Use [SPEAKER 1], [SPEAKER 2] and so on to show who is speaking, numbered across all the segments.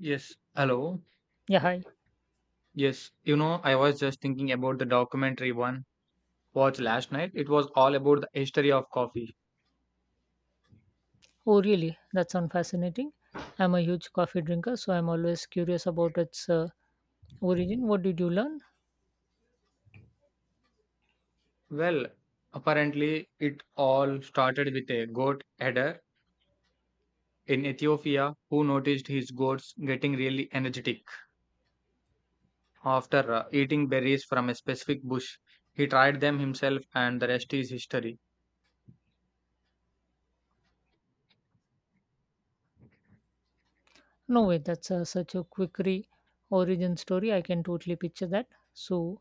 [SPEAKER 1] Yes, hello.
[SPEAKER 2] Yeah, hi.
[SPEAKER 1] Yes, you know, I was just thinking about the documentary one watched last night. It was all about the history of coffee.
[SPEAKER 2] Oh, really? That sounds fascinating. I'm a huge coffee drinker, so I'm always curious about its origin. What did you learn?
[SPEAKER 1] Well, apparently it all started with a goat herder in Ethiopia who noticed his goats getting really energetic after eating berries from a specific bush. He tried them himself and the rest is history.
[SPEAKER 2] No way, that's such a quick re origin story. I can totally picture that. So,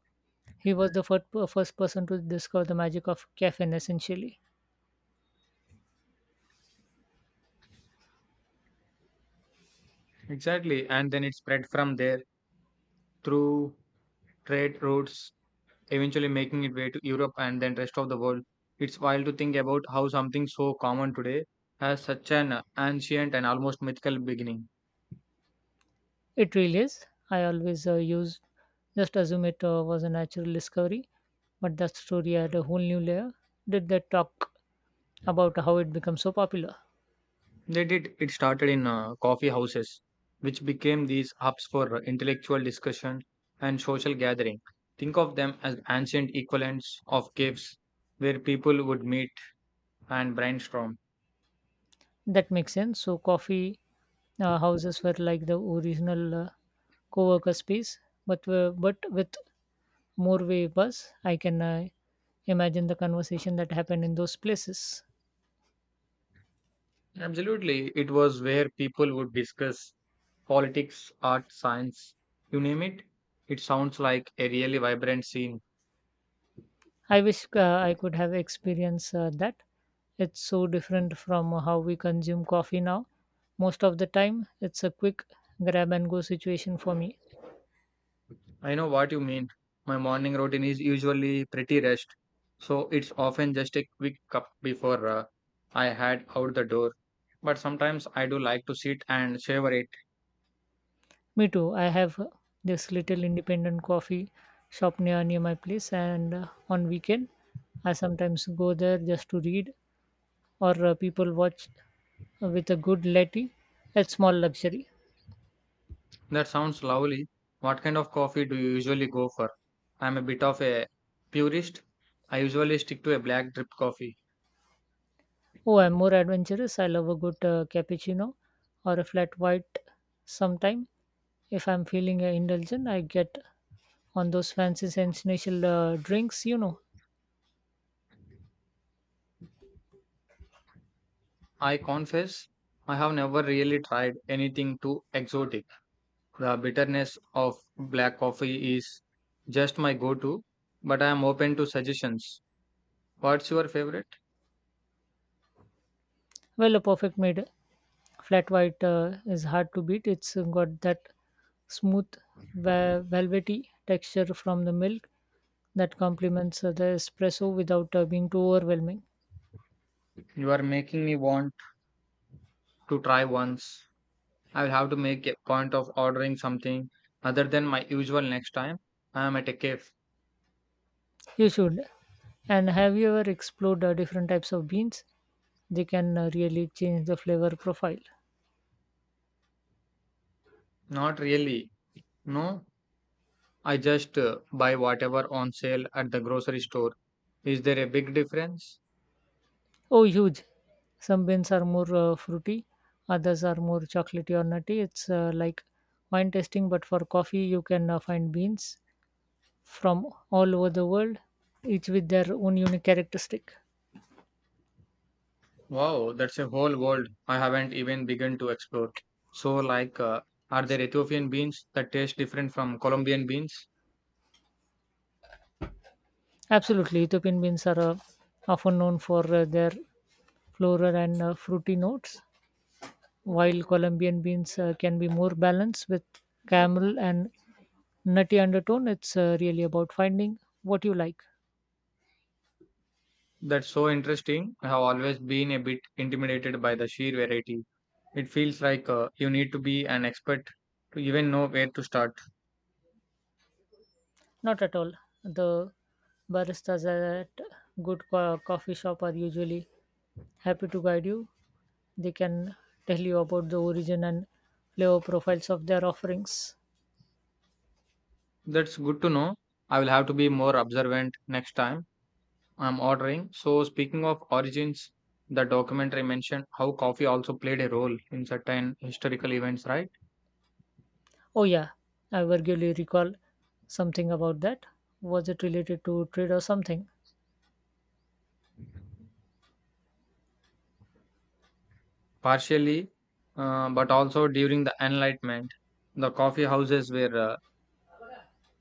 [SPEAKER 2] he was the first person to discover the magic of caffeine, essentially.
[SPEAKER 1] Exactly, and then it spread from there through trade routes eventually making it way to Europe and then rest of the world. It's wild to think about how something so common today has such an ancient and almost mythical beginning.
[SPEAKER 2] It really is. I always just assume it was a natural discovery, but that story had a whole new layer. Did they talk about how it became so popular?
[SPEAKER 1] They did it started in coffee houses, which became these hubs for intellectual discussion and social gathering. Think of them as ancient equivalents of caves where people would meet and brainstorm.
[SPEAKER 2] That makes sense. So coffee houses were like the original co-worker space, but with more way buzz. I can imagine the conversation that happened in those places.
[SPEAKER 1] Absolutely, it was where people would discuss politics, art, science, you name it. It sounds like a really vibrant scene.
[SPEAKER 2] I wish I could have experienced that. It's so different from how we consume coffee now. Most of the time, it's a quick grab and go situation for me.
[SPEAKER 1] I know what you mean. My morning routine is usually pretty rushed, so it's often just a quick cup before I head out the door. But sometimes I do like to sit and savor it.
[SPEAKER 2] Me too. I have this little independent coffee shop near my place, and on weekend I sometimes go there just to read or people watch with a good latte. It's small luxury.
[SPEAKER 1] That sounds lovely. What kind of coffee do you usually go for? I'm a bit of a purist. I usually stick to a black drip coffee.
[SPEAKER 2] Oh, I'm more adventurous. I love a good cappuccino or a flat white sometime. If I'm feeling indulgent, I get on those fancy sensational drinks,
[SPEAKER 1] I confess, I have never really tried anything too exotic. The bitterness of black coffee is just my go to, but I am open to suggestions. What's your favorite?
[SPEAKER 2] Well, a perfect made flat white is hard to beat. It's got that smooth, velvety texture from the milk that complements the espresso without being too overwhelming.
[SPEAKER 1] You are making me want to try once. I will have to make a point of ordering something other than my usual next time I am at a cafe.
[SPEAKER 2] You should. And have you ever explored different types of beans? They can really change the flavor profile.
[SPEAKER 1] Not really. No, I just buy whatever on sale at the grocery store. Is there a big difference?
[SPEAKER 2] Oh, huge! Some beans are more fruity, others are more chocolatey or nutty. It's like wine tasting, but for coffee, you can find beans from all over the world, each with their own unique characteristic.
[SPEAKER 1] Wow, that's a whole world I haven't even begun to explore. So, like, are there Ethiopian beans that taste different from Colombian beans?
[SPEAKER 2] Absolutely, Ethiopian beans are often known for their floral and fruity notes, while Colombian beans can be more balanced with caramel and nutty undertone. It's really about finding what you like.
[SPEAKER 1] That's so interesting. I have always been a bit intimidated by the sheer variety. It feels like you need to be an expert to even know where to start.
[SPEAKER 2] Not at all. The baristas at good coffee shop are usually happy to guide you. They can tell you about the origin and flavor profiles of their offerings.
[SPEAKER 1] That's good to know. I will have to be more observant next time I'm ordering. So, speaking of origins, the documentary mentioned how coffee also played a role in certain historical events, right?
[SPEAKER 2] Oh yeah, I vaguely recall something about that. Was it related to trade or something?
[SPEAKER 1] Partially, but also during the Enlightenment, the coffee houses were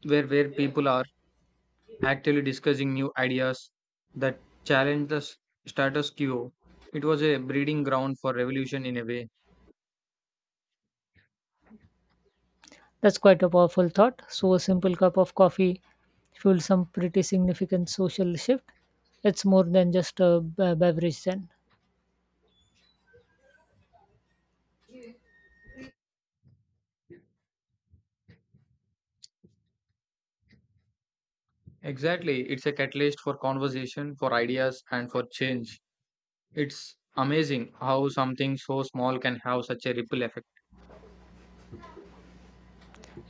[SPEAKER 1] where people are actively discussing new ideas that challenge the status quo. It was a breeding ground for revolution in a way.
[SPEAKER 2] That's quite a powerful thought. So a simple cup of coffee fueled some pretty significant social shift. It's more than just a beverage then.
[SPEAKER 1] Exactly, it's a catalyst for conversation, for ideas, and for change. It's amazing how something so small can have such a ripple effect.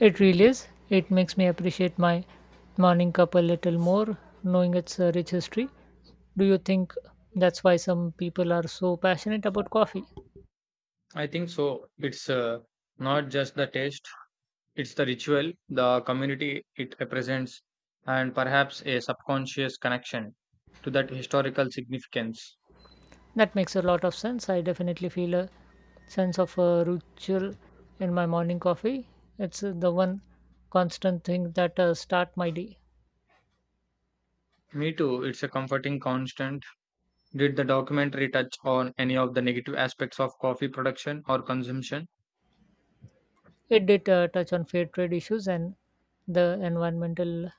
[SPEAKER 2] It really is. It makes me appreciate my morning cup a little more, knowing its rich history. Do you think that's why some people are so passionate about coffee?
[SPEAKER 1] I think so. It's not just the taste, it's the ritual, the community it represents, and perhaps a subconscious connection to that historical significance.
[SPEAKER 2] That makes a lot of sense. I definitely feel a sense of ritual in my morning coffee. It's the one constant thing that start my day.
[SPEAKER 1] Me too, it's a comforting constant. Did the documentary touch on any of the negative aspects of coffee production or consumption?
[SPEAKER 2] It did touch on fair trade issues and the environmental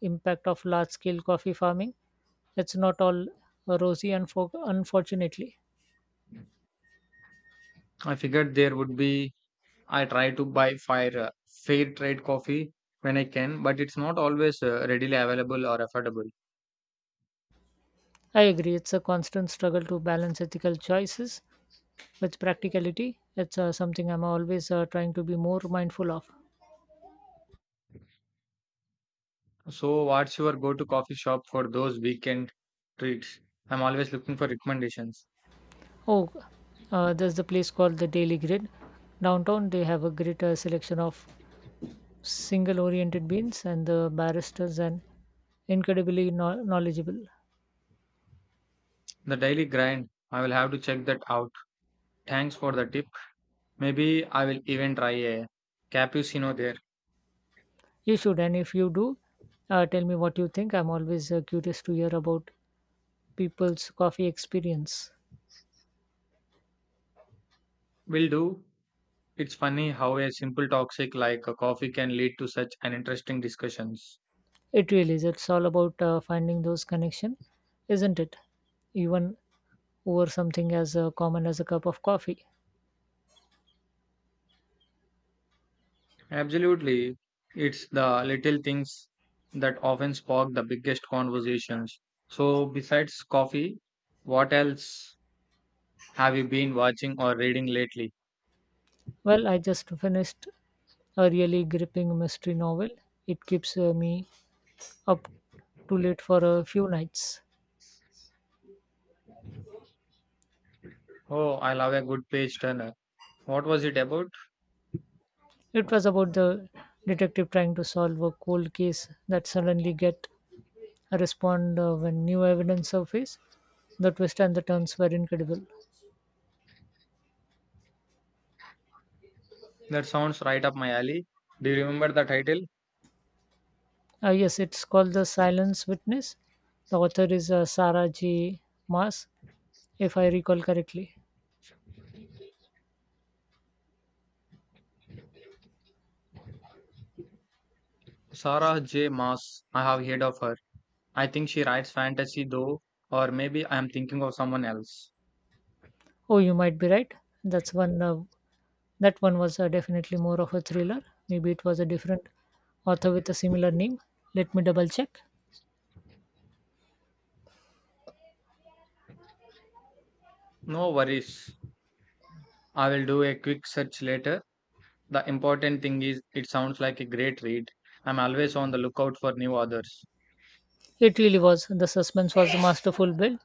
[SPEAKER 2] impact of large scale coffee farming. It's not all rosy, unfortunately.
[SPEAKER 1] I figured there would be. I try to buy fair trade coffee when I can, but it's not always readily available or affordable.
[SPEAKER 2] I agree. It's a constant struggle to balance ethical choices with practicality. It's something I'm always trying to be more mindful of.
[SPEAKER 1] So, what's your go to coffee shop for those weekend treats? I'm always looking for recommendations.
[SPEAKER 2] Oh, there's the place called the Daily Grid. Downtown, they have a great selection of single oriented beans, and the barristers are incredibly knowledgeable.
[SPEAKER 1] The daily grind. I will have to check that out. Thanks for the tip. Maybe I will even try a cappuccino there.
[SPEAKER 2] You should, and if you do, tell me what you think. I'm always curious to hear about people's coffee experience.
[SPEAKER 1] Will do. It's funny how a simple toxic like a coffee can lead to such an interesting discussions.
[SPEAKER 2] It really is. It's all about finding those connection, isn't it? Even over something as common as a cup of coffee.
[SPEAKER 1] Absolutely. It's the little things that often spark the biggest conversations. So besides coffee, what else have you been watching or reading lately?
[SPEAKER 2] Well, I just finished a really gripping mystery novel. It keeps me up too late for a few nights.
[SPEAKER 1] Oh, I love a good page turner. What was it about?
[SPEAKER 2] It was about the detective trying to solve a cold case that suddenly get a respond when new evidence surface. The twist and the turns were incredible.
[SPEAKER 1] That sounds right up my alley. Do you remember the title?
[SPEAKER 2] Yes, it's called The Silence Witness. The author is Sarah J. Maas, if I recall correctly.
[SPEAKER 1] Sarah J. Maas. I have heard of her. I think she writes fantasy though, or maybe I am thinking of someone else.
[SPEAKER 2] Oh, you might be right. That's one. That one was definitely more of a thriller. Maybe it was a different author with a similar name. Let me double check.
[SPEAKER 1] No worries. I will do a quick search later. The important thing is it sounds like a great read. I'm always on the lookout for new authors.
[SPEAKER 2] It really was. The suspense was a masterful build.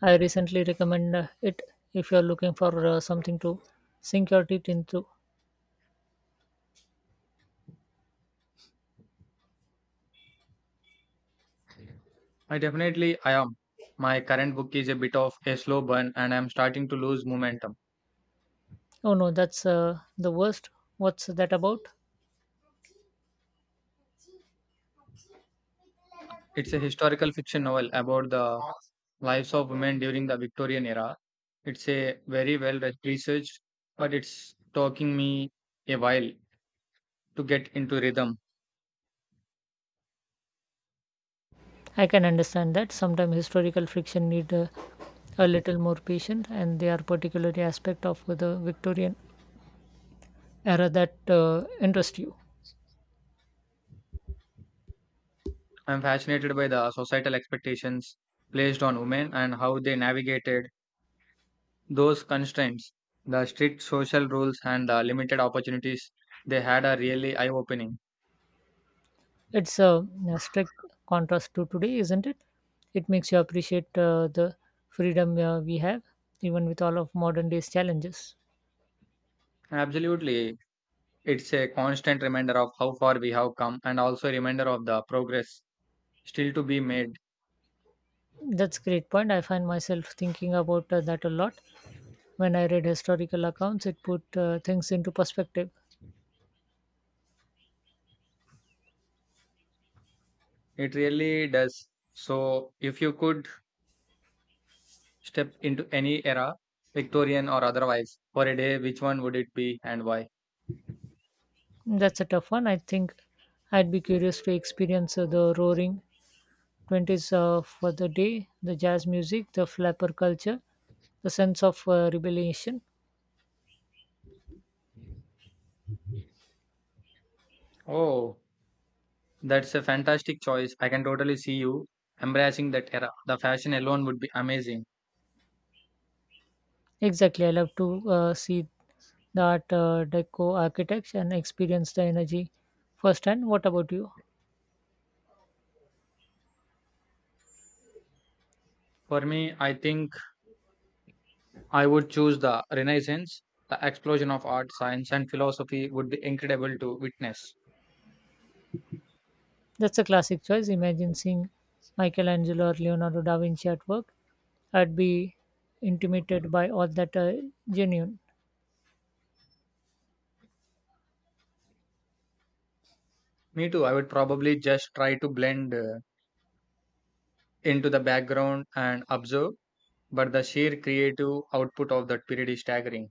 [SPEAKER 2] I recently recommend it if you're looking for something to sink your teeth into.
[SPEAKER 1] I definitely I am. My current book is a bit of a slow burn and I'm starting to lose momentum.
[SPEAKER 2] Oh no, that's the worst. What's that about?
[SPEAKER 1] It's a historical fiction novel about the lives of women during the Victorian era. It's a very well researched, but it's taking me a while to get into rhythm.
[SPEAKER 2] I can understand that. Sometimes historical fiction need a little more patience, and they are particularly aspect of the Victorian era that interest you.
[SPEAKER 1] I'm fascinated by the societal expectations placed on women and how they navigated those constraints. The strict social rules and the limited opportunities they had are really eye opening.
[SPEAKER 2] It's a strict contrast to today, isn't it? It makes you appreciate the freedom we have, even with all of modern day's challenges.
[SPEAKER 1] Absolutely, it's a constant reminder of how far we have come and also a reminder of the progress still to be made.
[SPEAKER 2] That's a great point. I find myself thinking about that a lot. When I read historical accounts, it put things into perspective.
[SPEAKER 1] It really does. So, if you could step into any era, Victorian or otherwise, for a day, which one would it be and why?
[SPEAKER 2] That's a tough one. I think I'd be curious to experience the roaring 20s for the day, the jazz music, the flapper culture, the sense of rebellion.
[SPEAKER 1] Oh, that's a fantastic choice. I can totally see you embracing that era. The fashion alone would be amazing.
[SPEAKER 2] Exactly. I love to see that deco architects and experience the energy firsthand. What about you?
[SPEAKER 1] For me, I think I would choose the Renaissance. The explosion of art, science, and philosophy would be incredible to witness.
[SPEAKER 2] That's a classic choice. Imagine seeing Michelangelo or Leonardo da Vinci at work. I'd be intimidated by all that genuine.
[SPEAKER 1] Me too. I would probably just try to blend into the background and observe but the sheer creative output of that period is staggering.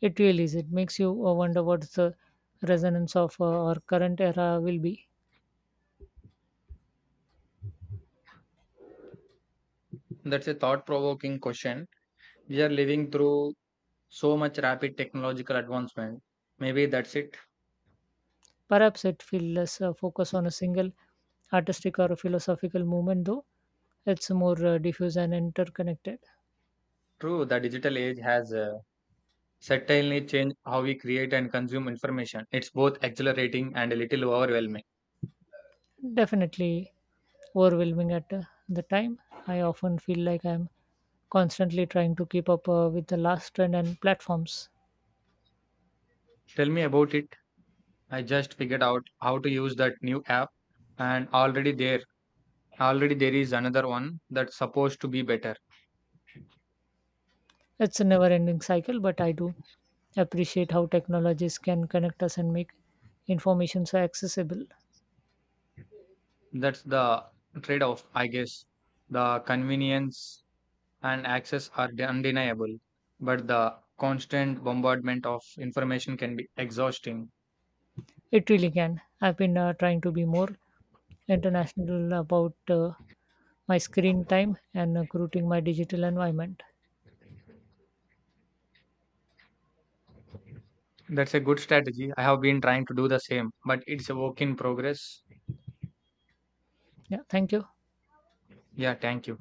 [SPEAKER 2] It really is. It makes you wonder what the resonance of our current era will be.
[SPEAKER 1] That's a thought provoking question. We are living through so much rapid technological advancement. Maybe that's it.
[SPEAKER 2] Perhaps it feels less focus on a single artistic or philosophical movement, though it's more diffuse and interconnected.
[SPEAKER 1] True, the digital age has certainly changed how we create and consume information. It's both exhilarating and a little overwhelming.
[SPEAKER 2] Definitely overwhelming at the time. I often feel like I'm constantly trying to keep up with the last trend and platforms.
[SPEAKER 1] Tell me about it. I just figured out how to use that new app and already there is another one that's supposed to be better.
[SPEAKER 2] It's a never ending cycle, but I do appreciate how technologies can connect us and make information so accessible.
[SPEAKER 1] That's the trade off, I guess. The convenience and access are undeniable, but the constant bombardment of information can be exhausting.
[SPEAKER 2] It really can. I've been trying to be more international about my screen time and routing my digital environment.
[SPEAKER 1] That's a good strategy. I have been trying to do the same, but it's a work in progress.
[SPEAKER 2] Yeah, thank you.
[SPEAKER 1] Yeah, thank you.